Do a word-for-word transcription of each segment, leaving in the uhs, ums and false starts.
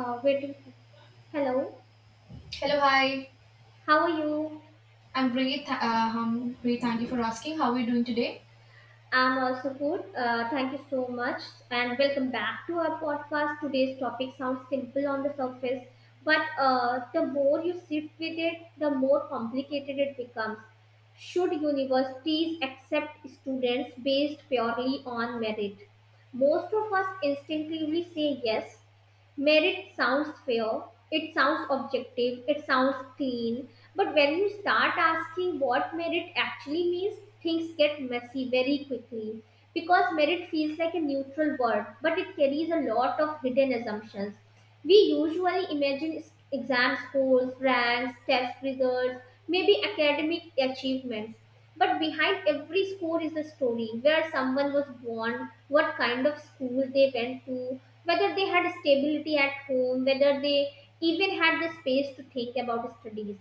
Uh, wait, Hello, Hello, hi. how are you? I'm great. th- Uh, um, great. Thank you for asking. How are you doing today? I'm also good. Uh, thank you so much, and welcome back to our podcast. Today's topic sounds simple on the surface, but uh, the more you sit with it, the more complicated it becomes. Should universities accept students based purely on merit? Most of us instinctively say yes. Merit sounds fair, it sounds objective, it sounds clean, but when you start asking what merit actually means, things get messy very quickly. Because merit feels like a neutral word, but it carries a lot of hidden assumptions. We usually imagine exam scores, ranks, test results, maybe academic achievements. But behind every score is a story where someone was born, what kind of school they went to, whether they had stability at home, whether they even had the space to think about studies.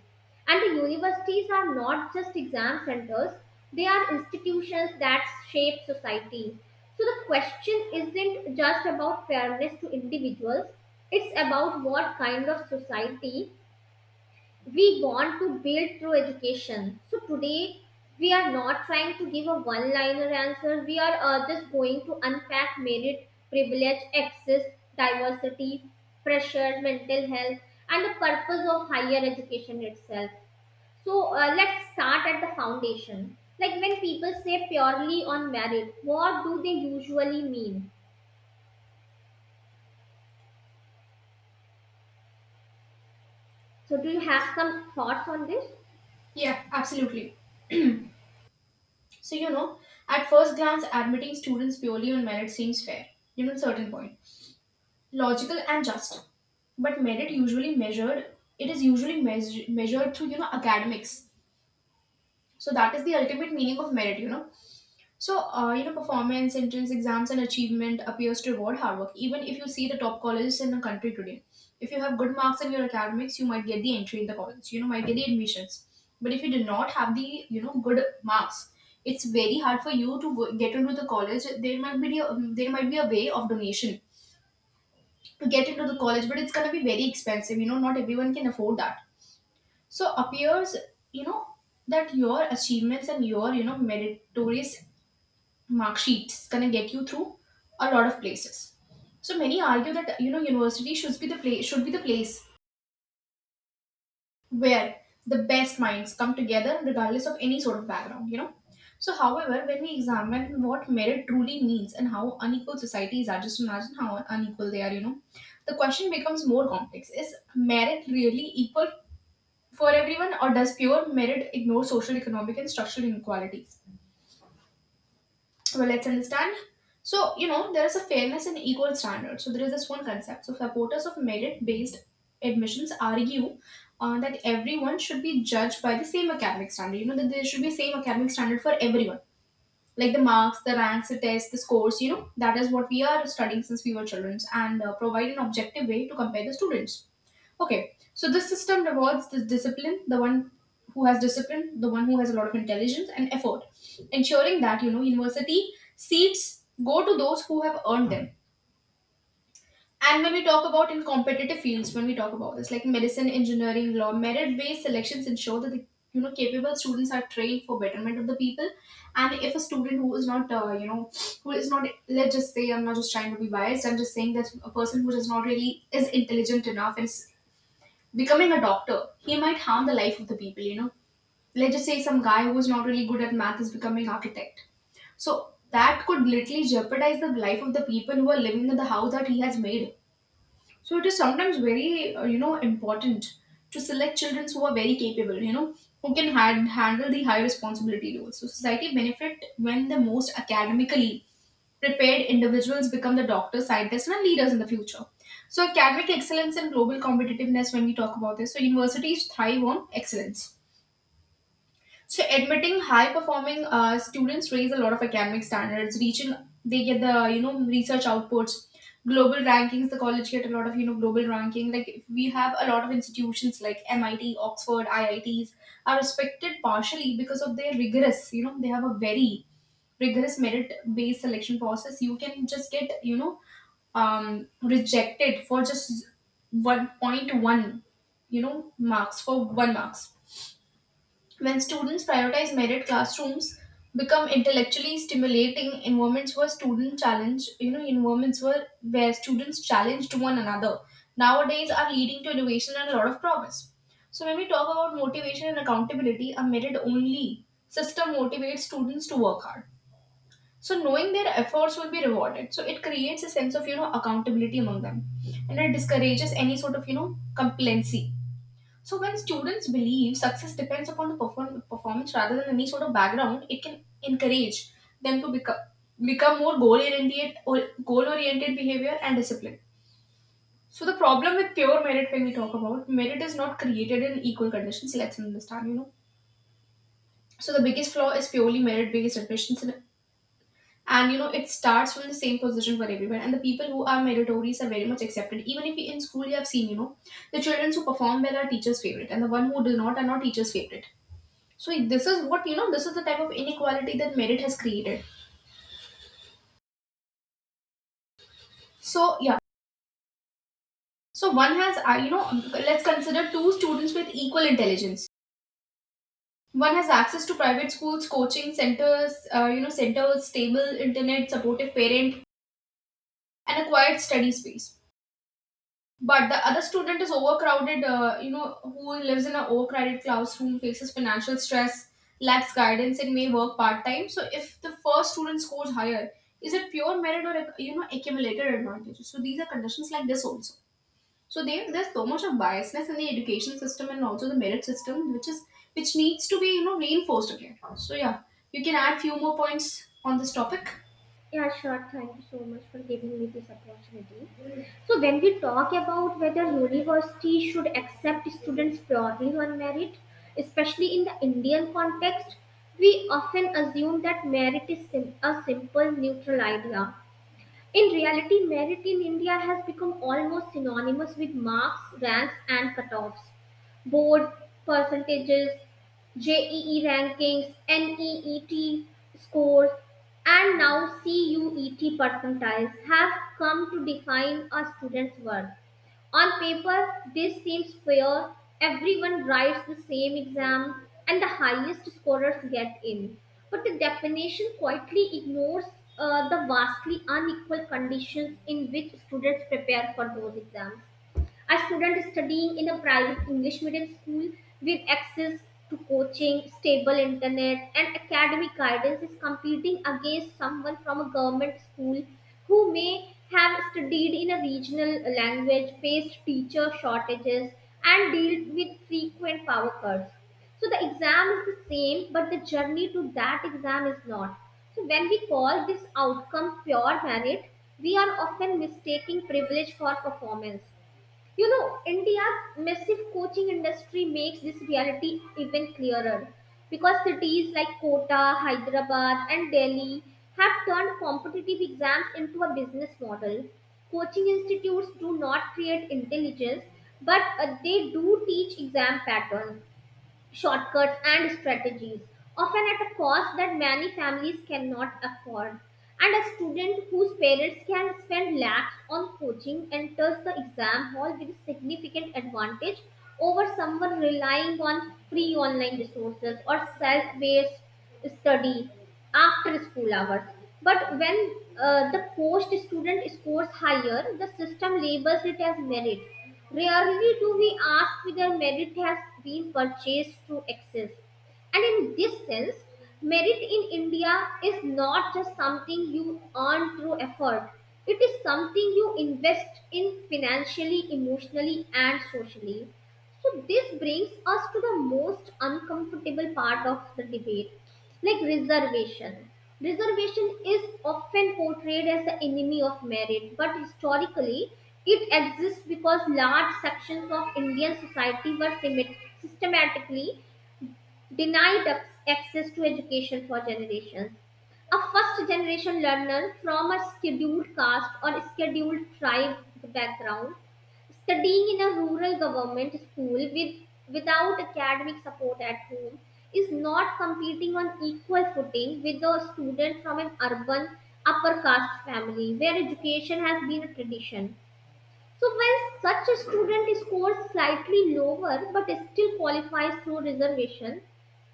And the universities are not just exam centers, they are institutions that shape society. So the question isn't just about fairness to individuals, it's about what kind of society we want to build through education. So today, we are not trying to give a one liner answer, we are uh, just going to unpack merit, privilege, access, diversity, pressure, mental health, and the purpose of higher education itself. So uh, let's start at the foundation. Like when people say purely on merit, what do they usually mean? So do you Yes. have some thoughts on this? Yeah, absolutely. So you know, at first glance, admitting students purely on merit seems fair. You know, at a certain point, logical and just. But merit usually measured. It is usually measure, measured through you know academics. So that is the ultimate meaning of merit, you know. So, uh, you know, performance, entrance exams, and achievement appears to reward hard work. Even if you see the top colleges in the country today, if you have good marks in your academics, you might get the entry in the college. You know, might get the admissions. But if you do not have the you know good marks, it's very hard for you to go- get into the college. There might be a, there might be a way of donation to get into the college, but it's gonna be very expensive. You know, not everyone can afford that. So appears you know that your achievements and your you know meritorious mark sheets going to get you through a lot of places. So many argue that you know university should be the place should be the place where the best minds come together regardless of any sort of background you know So however, when we examine what merit truly means and how unequal societies are, just imagine how unequal they are you know The question becomes more complex. Is merit really equal for everyone, or does pure merit ignore social, economic, and structural inequalities? Well, let's understand. So, you know, there is a fairness and equal standard. So, there is this one concept. So, supporters of merit based admissions argue uh, that everyone should be judged by the same academic standard, you know, that there should be same academic standard for everyone. Like the marks, the ranks, the tests, the scores, you know, that is what we are studying since we were children, and uh, provide an objective way to compare the students. Okay, so this system rewards this discipline, the one who has discipline, the one who has a lot of intelligence and effort, ensuring that you know university seats go to those who have earned them. And when we talk about in competitive fields, when we talk about this, like medicine, engineering, law, merit-based selections ensure that the you know capable students are trained for betterment of the people. And if a student who is not, uh, you know who is not, let's just say, I'm not just trying to be biased, I'm just saying that a person who is not really is intelligent enough and becoming a doctor, he might harm the life of the people, you know. Let's just say some guy who is not really good at math is becoming architect. So that could literally jeopardize the life of the people who are living in the house that he has made. So it is sometimes very, uh, you know, important to select children who are very capable, you know, who can hand, handle the high responsibility roles. So society benefit when the most academically prepared individuals become the doctors, scientists, and leaders in the future. So, academic excellence and global competitiveness, when we talk about this, so universities thrive on excellence. So, admitting high performing uh, students raise a lot of academic standards, reaching they get the you know research outputs, global rankings. The college get a lot of you know global ranking. Like we have a lot of institutions like MIT, Oxford, IITs are respected partially because of their rigorous, you know they have a very rigorous merit based selection process. You can just get, you know um, rejected for just one point one you know marks, for one marks. When students prioritize merit, classrooms become intellectually stimulating environments where student challenge, you know environments where where students challenge to one another nowadays are leading to innovation and a lot of promise. So when we talk about motivation and accountability, a merit only system motivates students to work hard, so knowing their efforts will be rewarded, so it creates a sense of you know accountability among them, and it discourages any sort of you know complacency. So when students believe success depends upon the perform- performance rather than any sort of background, it can encourage them to become become more goal oriented, or goal oriented behavior and discipline. So the problem with pure merit, when we talk about merit is not created in equal conditions, let's understand you know So the biggest flaw is purely merit based admissions, and you know it starts from the same position for everyone, and the people who are meritorious are very much accepted. Even if in school, you have seen, you know the children who perform well are teachers favorite, and the one who do not are not teachers favorite. So this is what, you know this is the type of inequality that merit has created. So yeah, so one has, uh, you know let's consider two students with equal intelligence. One has access to private schools, coaching centers uh, you know centers, stable internet, supportive parent, and a quiet study space. But the other student is overcrowded, uh, you know who lives in an overcrowded classroom, faces financial stress, lacks guidance, and may work part-time. So if the first student scores higher, is it pure merit or you know accumulated advantage? So these are conditions like this also. So there, there's so much of biasness in the education system, and also the merit system which is which needs to be you know reinforced again. So yeah, you can add few more points on this topic. Yeah, sure. Thank you so much for giving me this opportunity. So when we talk about whether university should accept students purely on merit, especially in the Indian context, we often assume that merit is sim- a simple neutral idea. In reality, merit in India has become almost synonymous with marks, ranks, and cutoffs. Board percentages, J E E rankings, NEET scores, and now CUET percentiles have come to define a student's worth. On paper, this seems fair. Everyone writes the same exam and the highest scorers get in. But the definition quietly ignores uh, the vastly unequal conditions in which students prepare for those exams. A student studying in a private English medium school with access to coaching, stable internet, and academic guidance is competing against someone from a government school who may have studied in a regional language, faced teacher shortages, and dealt with frequent power cuts. So the exam is the same, but the journey to that exam is not. So when we call this outcome pure merit, we are often mistaking privilege for performance. You know, India's massive coaching industry makes this reality even clearer because cities like Kota, Hyderabad, and Delhi have turned competitive exams into a business model. Coaching institutes do not create intelligence, but uh, they do teach exam patterns, shortcuts and strategies, often at a cost that many families cannot afford. And a student whose parents can spend lakhs on coaching enters the exam hall with a significant advantage over someone relying on free online resources or self-based study after school hours. But when uh, the post student scores higher, the system labels it as merit. Rarely do we ask whether merit has been purchased to excess. And in this sense, merit in India is not just something you earn through effort, it is something you invest in financially, emotionally, and socially. So this brings us to the most uncomfortable part of the debate, like reservation. Reservation is often portrayed as the enemy of merit, but historically it exists because large sections of Indian society were symet- systematically denied access to education for generations. A first generation learner from a scheduled caste or scheduled tribe background, studying in a rural government school with, without academic support at home, is not competing on equal footing with a student from an urban upper caste family where education has been a tradition. So, when such a student scores slightly lower but still qualifies through reservation,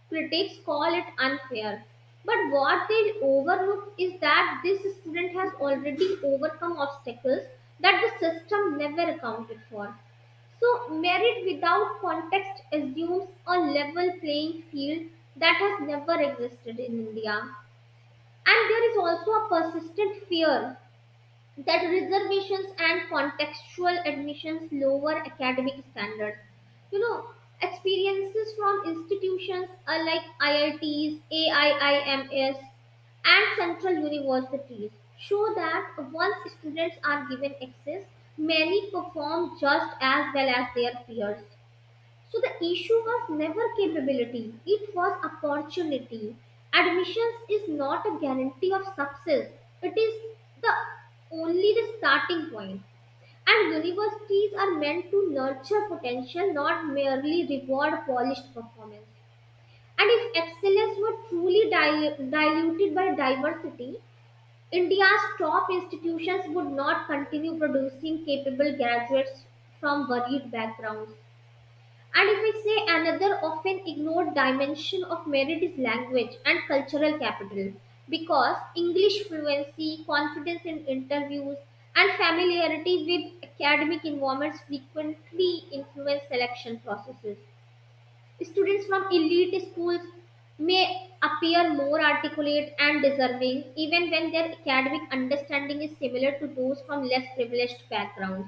critics call it unfair. But what they overlook is that this student has already overcome obstacles that the system never accounted for. So, merit without context assumes a level playing field that has never existed in India. And there is also a persistent fear that reservations and contextual admissions lower academic standards. You know, experiences from institutions are like I I Ts, AIIMS, and central universities show that once students are given access, many perform just as well as their peers. So the issue was never capability, it was opportunity. Admissions is not a guarantee of success, it is the only the starting point. And universities are meant to nurture potential, not merely reward polished performance. And if excellence were truly dil- diluted by diversity, India's top institutions would not continue producing capable graduates from varied backgrounds. And if we say another often ignored dimension of merit is language and cultural capital, because English fluency, confidence in interviews, and familiarity with academic environments frequently influence selection processes. Students from elite schools may appear more articulate and deserving, even when their academic understanding is similar to those from less privileged backgrounds.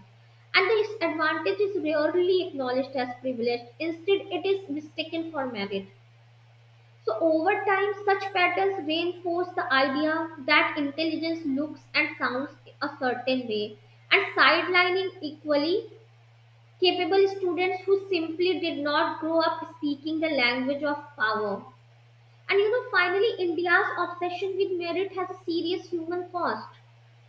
And this advantage is rarely acknowledged as privilege; instead, it is mistaken for merit. So, over time, such patterns reinforce the idea that intelligence looks and sounds a certain way, and sidelining equally capable students who simply did not grow up speaking the language of power. And you know, finally, India's obsession with merit has a serious human cost.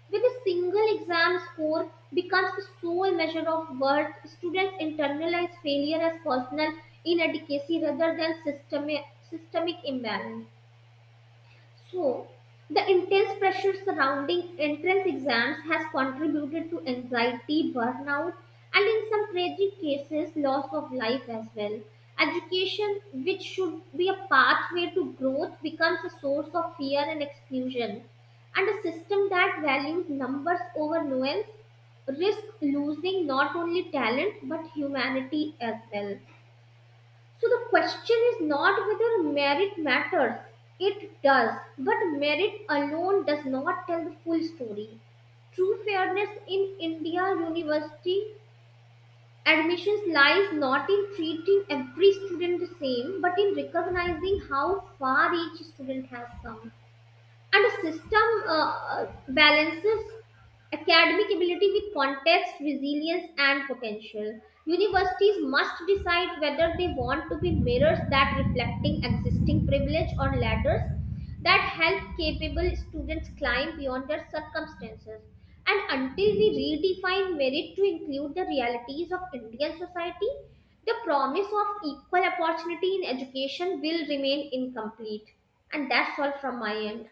With a single exam score becomes the sole measure of worth, students internalize failure as personal inadequacy rather than systemic, systemic imbalance. So, the intense pressure surrounding entrance exams has contributed to anxiety, burnout, and in some tragic cases, loss of life as well. Education, which should be a pathway to growth, becomes a source of fear and exclusion. And a system that values numbers over nuance risks losing not only talent but humanity as well. So the question is not whether merit matters. It does. But merit alone does not tell the full story. True fairness in India university admissions lies not in treating every student the same, but in recognizing how far each student has come, and a system uh, uh, balances academic ability with context, resilience and potential. Universities must decide whether they want to be mirrors that reflecting existing privilege or ladders that help capable students climb beyond their circumstances, and until we redefine merit to include the realities of Indian society, the promise of equal opportunity in education will remain incomplete. And that's all from my end.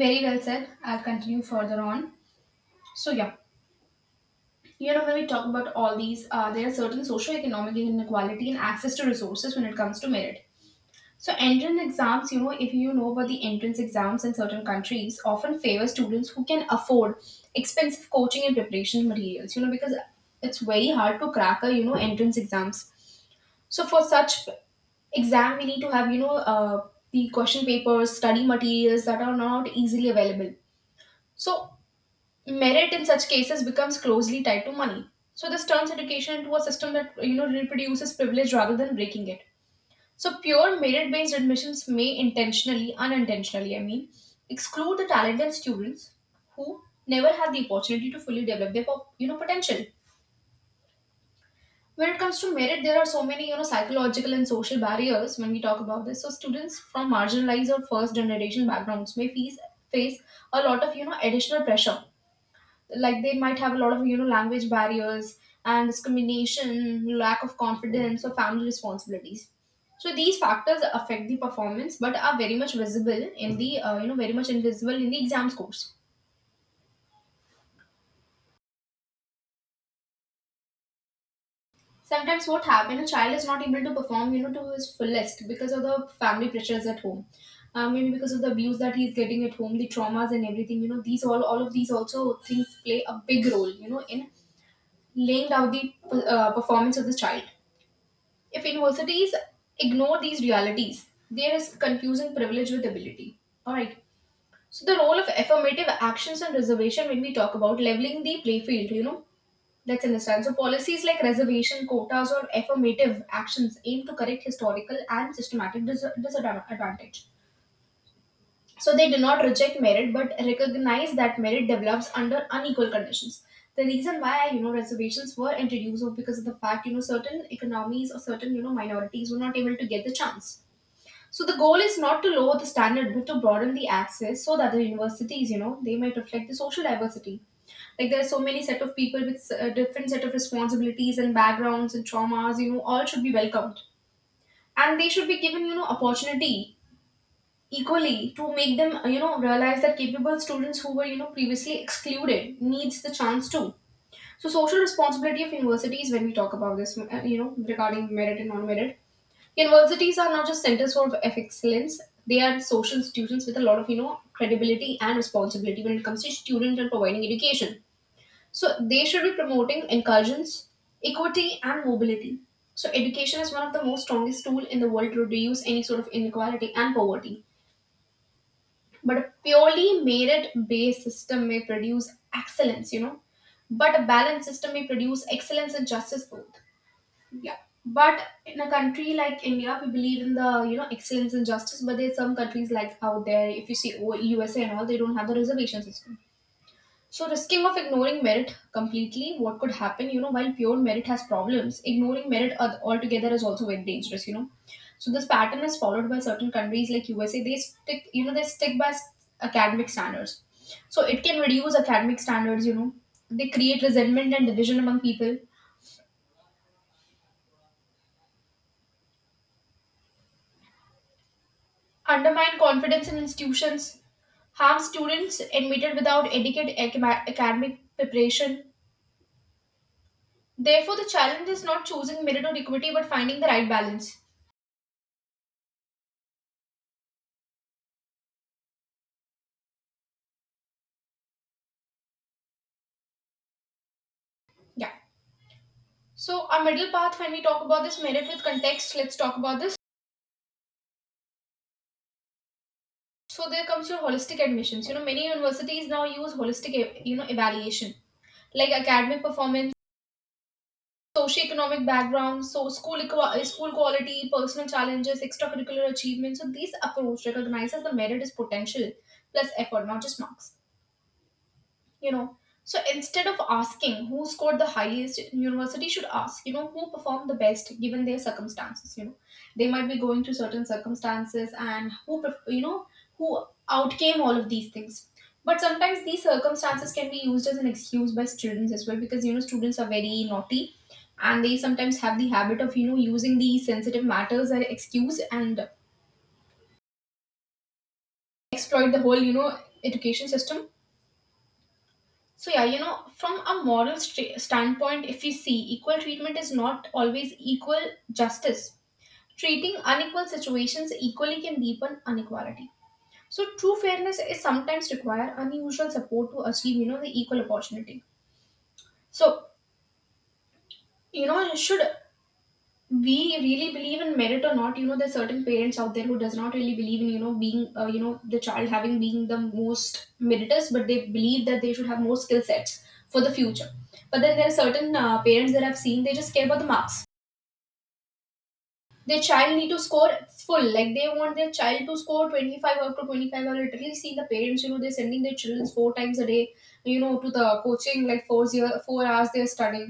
Very well said, I'll continue further on. So yeah. You know, when we talk about all these, uh, there are certain socioeconomic inequality and access to resources when it comes to merit. So, entrance exams, you know, if you know about the entrance exams in certain countries, often favor students who can afford expensive coaching and preparation materials, you know, because it's very hard to crack a, you know, entrance exams. So, for such exam, we need to have, you know, uh, the question papers, study materials that are not easily available. So, merit in such cases becomes closely tied to money. So this turns education into a system that you know reproduces privilege rather than breaking it. So pure merit-based admissions may intentionally, unintentionally, I mean, exclude the talented students who never had the opportunity to fully develop their po- you know potential. When it comes to merit, there are so many you know psychological and social barriers when we talk about this. So students from marginalized or first generation backgrounds may face face a lot of you know additional pressure. Like they might have a lot of you know language barriers and discrimination, lack of confidence, or family responsibilities. So these factors affect the performance, but are very much visible in the, uh, you know very much invisible in the exam scores. Sometimes what happens, a child is not able to perform you know to his fullest because of the family pressures at home. Uh, maybe because of the abuse that he's getting at home, the traumas and everything you know these all all of these also things play a big role you know in laying out the uh, performance of the child. If universities ignore these realities, there is confusing privilege with ability. Alright. So the role of affirmative actions and reservation when we talk about leveling the play field, you know, let's understand. So policies like reservation, quotas, or affirmative actions aim to correct historical and systematic dis- disadvantage. So they do not reject merit but recognize that merit develops under unequal conditions. The reason why you know reservations were introduced was because of the fact you know certain economies or certain you know minorities were not able to get the chance. So the goal is not to lower the standard but to broaden the access so that the universities, you know they might reflect the social diversity. Like there are so many set of people with uh, different set of responsibilities and backgrounds and traumas you know all should be welcomed, and they should be given you know opportunity equally, to make them you know realize that capable students who were you know previously excluded needs the chance too. So social responsibility of universities when we talk about this, uh, you know regarding merit and non-merit. Universities are not just centers for excellence, they are social institutions with a lot of you know credibility and responsibility when it comes to students and providing education. So they should be promoting incursions, equity, and mobility. So education is one of the most strongest tool in the world to reduce any sort of inequality and poverty. But a purely merit-based system may produce excellence, you know. But a balanced system may produce excellence and justice both. Yeah. But in a country like India, we believe in the you know excellence and justice. But there's some countries like out there, if you see O- U S A and all, they don't have the reservation system. So, risking of ignoring merit completely, what could happen? You know, while pure merit has problems, ignoring merit al- altogether is also very dangerous. You know, so this pattern is followed by certain countries like U S A. They stick, you know, they stick by s- academic standards. So it can reduce academic standards. You know, they create resentment and division among people, undermine confidence in institutions, harm students admitted without adequate acma- academic preparation. Therefore, the challenge is not choosing merit or equity, but finding the right balance. Yeah. So, our middle path, when we talk about this merit with context, let's talk about this. So, there comes your holistic admissions. You know, many universities now use holistic, e- you know, evaluation like academic performance, socioeconomic background, so school equa- eh, school quality, personal challenges, extracurricular achievements. So, these approach recognizes the merit is potential plus effort, not just marks. you know so instead of asking who scored the highest, university should ask, you know who performed the best given their circumstances. You know they might be going through certain circumstances and who perf- you know who outcame all of these things. But sometimes these circumstances can be used as an excuse by students as well, because you know, students are very naughty, and they sometimes have the habit of, you know using these sensitive matters as excuse, and exploit the whole you know education system. So yeah, you know, from a moral st- standpoint, if we see, equal treatment is not always equal justice. Treating unequal situations equally can deepen inequality. So true fairness is sometimes require unusual support to achieve, you know, the equal opportunity. So you know, should we really believe in merit or not? You know, there's certain parents out there who does not really believe in, you know being uh, you know the child having being the most meritorious, but they believe that they should have more skill sets for the future. But then there are certain uh, parents that I've seen, they just care about the marks their child need to score full, like they want their child to score twenty-five out to twenty-five. I literally see the parents, you know, they're sending their children four times a day, you know, to the coaching, like four zero four hours they're studying.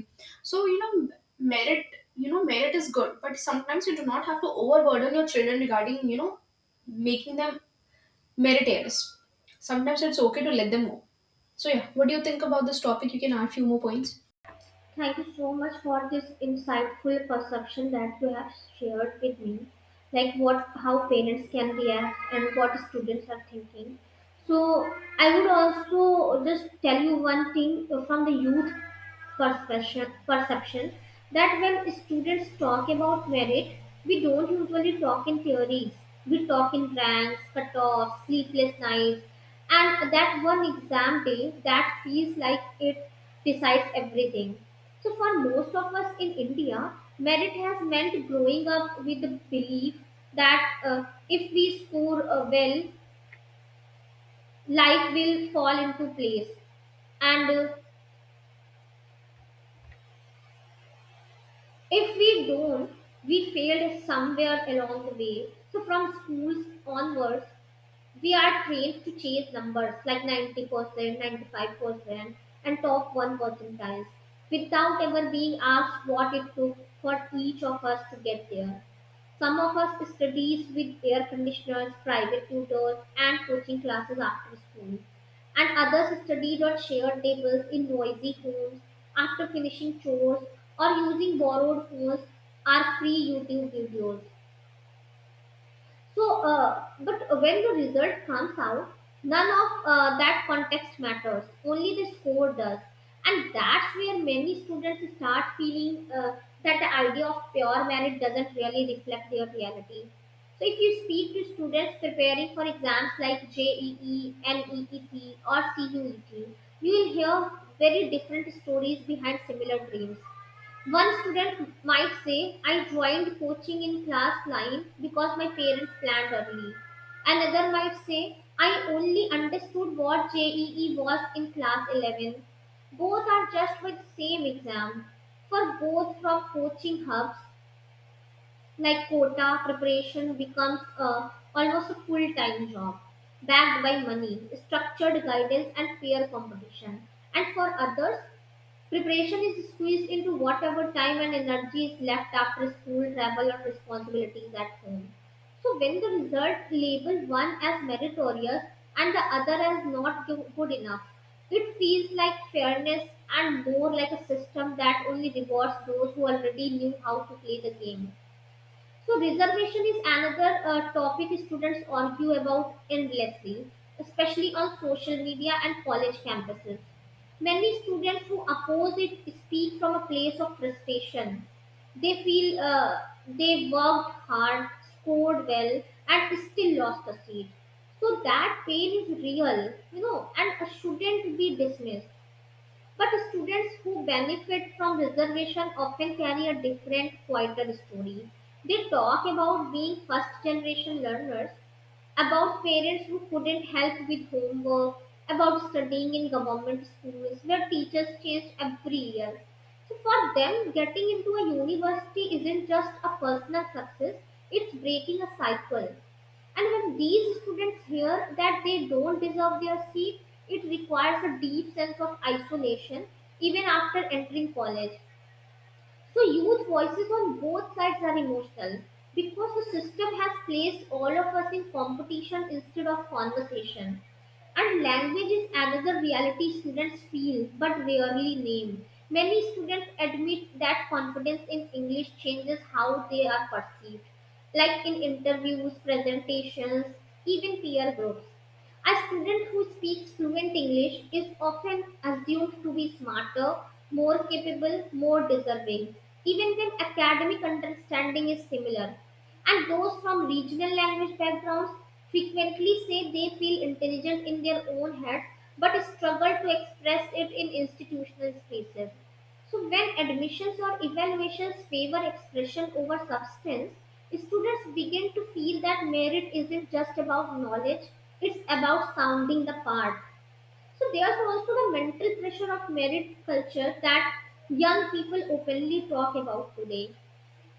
so you know Merit, you know, merit is good, but sometimes you do not have to overburden your children regarding, you know making them meritorious. Sometimes it's okay to let them go. So yeah, what do you think about this topic? You can add few more points. Thank you so much for this insightful perception that you have shared with me, like what how parents can react and what students are thinking. So I would also just tell you one thing from the youth perception, perception that when students talk about merit, we don't usually talk in theories. We talk in ranks, cutoffs, sleepless nights, and that one exam day that feels like it decides everything. So, for most of us in India, merit has meant growing up with the belief that uh, if we score uh, well, life will fall into place, and uh, if we don't, we failed somewhere along the way. So from schools onwards, we are trained to chase numbers like ninety percent ninety-five percent and top one percentiles without ever being asked what it took for each of us to get there. Some of us studies with air conditioners, private tutors, and coaching classes after school. And others studied on shared tables in noisy homes after finishing chores or using borrowed phones or free YouTube videos. So, uh, but when the result comes out, none of uh, that context matters. Only the score does, and that's where many students start feeling uh, that the idea of pure merit doesn't really reflect their reality. So, if you speak to students preparing for exams like J E E, NEET, or CUET, you will hear very different stories behind similar dreams. One student might say, I joined coaching in class nine because my parents planned early. Another might say, I only understood what J E E was in class eleven. Both are just with same exam. For both from coaching hubs like Kota, preparation becomes a, almost a full-time job backed by money, structured guidance and peer competition. And for others, preparation is squeezed into whatever time and energy is left after school, travel, or responsibilities at home. So, when the result label one as meritorious and the other as not go- good enough, it feels like fairness and more like a system that only rewards those who already knew how to play the game. So reservation is another uh, topic students argue about endlessly, especially on social media and college campuses. Many students who oppose it speak from a place of frustration. They feel uh, they worked hard, scored well, and still lost a seat. So that pain is real, you know, and shouldn't be dismissed. But students who benefit from reservation often carry a different, quieter story. They talk about being first generation learners, about parents who couldn't help with homework, about studying in government schools where teachers change every year. So for them, getting into a university isn't just a personal success, it's breaking a cycle. And when these students hear that they don't deserve their seat, it requires a deep sense of isolation even after entering college. So youth voices on both sides are emotional because the system has placed all of us in competition instead of conversation. And language is another reality students feel but rarely name. Many students admit that confidence in English changes how they are perceived, like in interviews, presentations, even peer groups. A student who speaks fluent English is often assumed to be smarter, more capable, more deserving, even when academic understanding is similar. And those from regional language backgrounds frequently say they feel intelligent in their own heads but struggle to express it in institutional spaces. So, when admissions or evaluations favor expression over substance, students begin to feel that merit isn't just about knowledge, it's about sounding the part. So, there's also the mental pressure of merit culture that young people openly talk about today.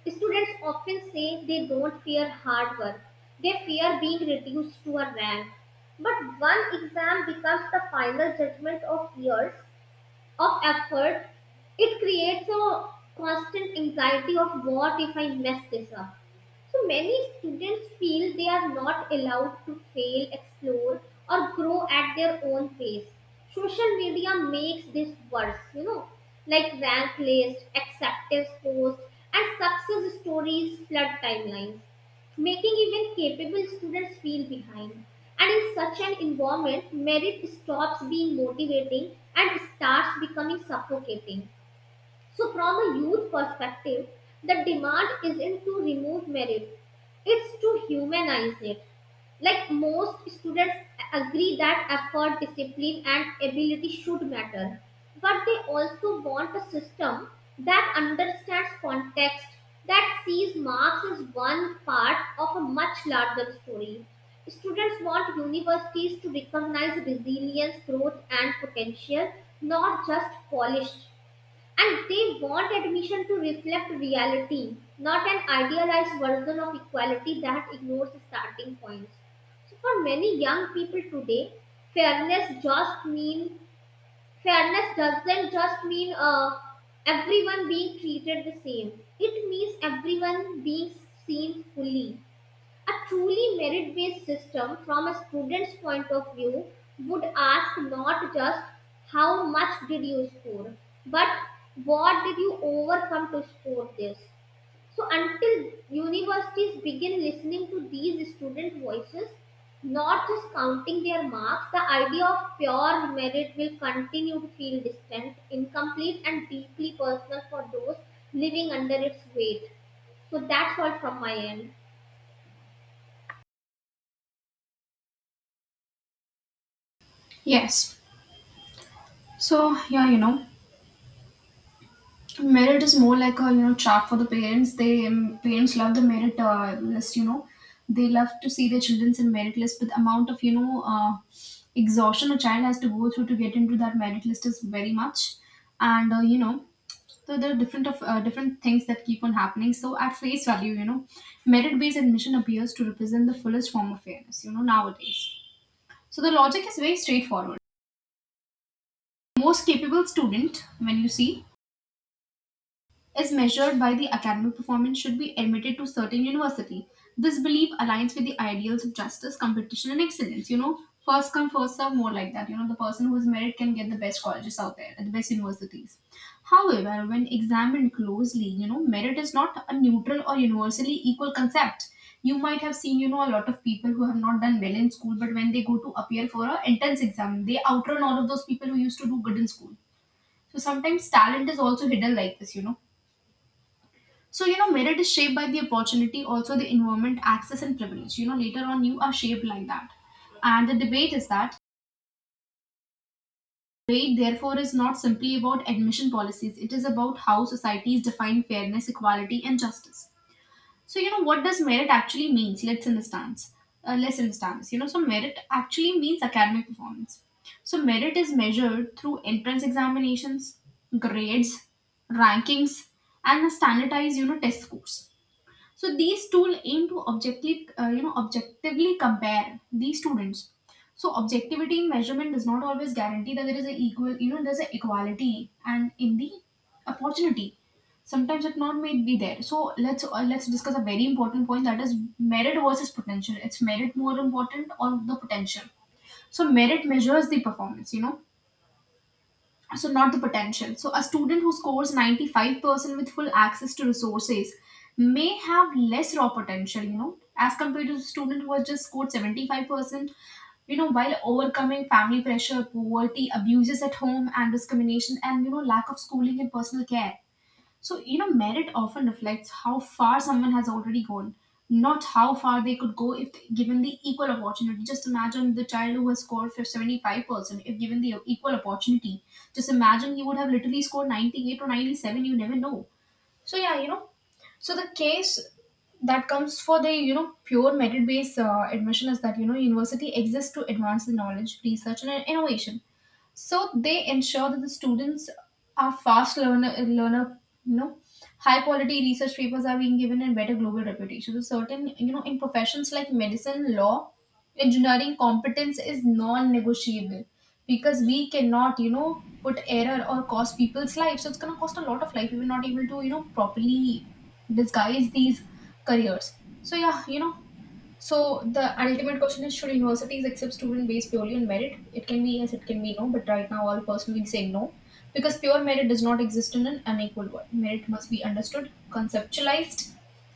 Students often say they don't fear hard work, they fear being reduced to a rank. But one exam becomes the final judgment of years of effort, it creates a constant anxiety of what if I mess this up. So many students feel they are not allowed to fail, explore, or grow at their own pace. Social media makes this worse, you know, like rank list, acceptance posts, and success stories flood timelines making even capable students feel behind. And in such an environment, merit stops being motivating and starts becoming suffocating. So, from a youth perspective, the demand isn't to remove merit, it's to humanize it. Like most students agree that effort, discipline, and ability should matter, but they also want a system that understands context, that sees marks as one part of a much larger story. Students want universities to recognize resilience, growth, and potential, not just polished, and they want admission to reflect reality, not an idealized version of equality that ignores starting points. So for many young people today, fairness just mean fairness doesn't just mean uh, everyone being treated the same. It means everyone being seen fully. A truly merit based system, from a student's point of view, would ask not just how much did you score, but what did you overcome to score this. So, until universities begin listening to these student voices, not just counting their marks, the idea of pure merit will continue to feel distant, incomplete, and deeply personal for those living under its weight. So, that's all from my end. Yes. So, yeah, you know, merit is more like a, you know trap for the parents. They um, parents love the merit uh, list, you know, they love to see their children's in merit list, but the amount of you know uh, exhaustion a child has to go through to get into that merit list is very much. And uh, you know so there are different of uh, different things that keep on happening. So at face value, you know, merit based admission appears to represent the fullest form of fairness, you know, nowadays. So the logic is very straightforward: most capable student, when you see, as measured by the academic performance, should be admitted to certain university. This belief aligns with the ideals of justice, competition, and excellence, you know. First come first serve, more like that. You know, the person who is merit can get the best colleges out there, the best universities. However, when examined closely, you know, merit is not a neutral or universally equal concept. You might have seen, you know, a lot of people who have not done well in school, but when they go to appear for a entrance exam, they outrun all of those people who used to do good in school. So sometimes talent is also hidden like this, you know. So, you know, merit is shaped by the opportunity, also the environment, access, and privilege. You know, later on, you are shaped like that. And the debate is that Debate, therefore, is not simply about admission policies, it is about how societies define fairness, equality, and justice. So, you know, what does merit actually means? Let's understand. Uh, let's understand. You know, so merit actually means academic performance. So, merit is measured through entrance examinations, grades, rankings, and a standardized, you know, test scores. So these tools aim to objectively, uh, you know, objectively compare these students. So objectivity in measurement does not always guarantee that there is a equal, you know, there's an equality and in the opportunity. Sometimes it not may be there. So let's uh, let's discuss a very important point, that is merit versus potential. It's merit more important or the potential? So merit measures the performance, you know, so not the potential. So a student who scores ninety-five percent with full access to resources may have less raw potential, you know, as compared to the student who has just scored seventy-five percent, you know, while overcoming family pressure, poverty, abuses at home, and discrimination, and you know, lack of schooling and personal care. So, you know, merit often reflects how far someone has already gone, not how far they could go if given the equal opportunity. Just imagine the child who has scored for seventy-five percent, if given the equal opportunity. Just imagine, you would have literally scored ninety-eight or ninety-seven, you never know. So, yeah, you know, so the case that comes for the, you know, pure merit based uh, admission is that, you know, university exists to advance the knowledge, research, and innovation. So they ensure that the students are fast learner, learner, you know, high quality research papers are being given, and better global reputation. So certain, you know, in professions like medicine, law, engineering, competence is non-negotiable, because we cannot, you know, put error or cost people's lives. So it's going to cost a lot of life if we are not able to, you know, properly disguise these careers. So yeah, you know, so the ultimate question is: should universities accept student based purely on merit? It can be yes, it can be no. But right now, I'll personally say no, because pure merit does not exist in an unequal world. Merit must be understood, conceptualized,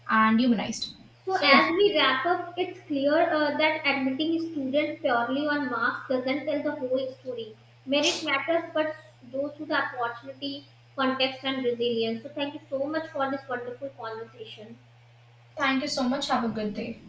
and humanized. So, So yeah, as we wrap up, it's clear uh, that admitting students purely on marks doesn't tell the whole story. Merit matters, but those with the opportunity, context, and resilience. So, thank you so much for this wonderful conversation. thank you so much. Have a good day.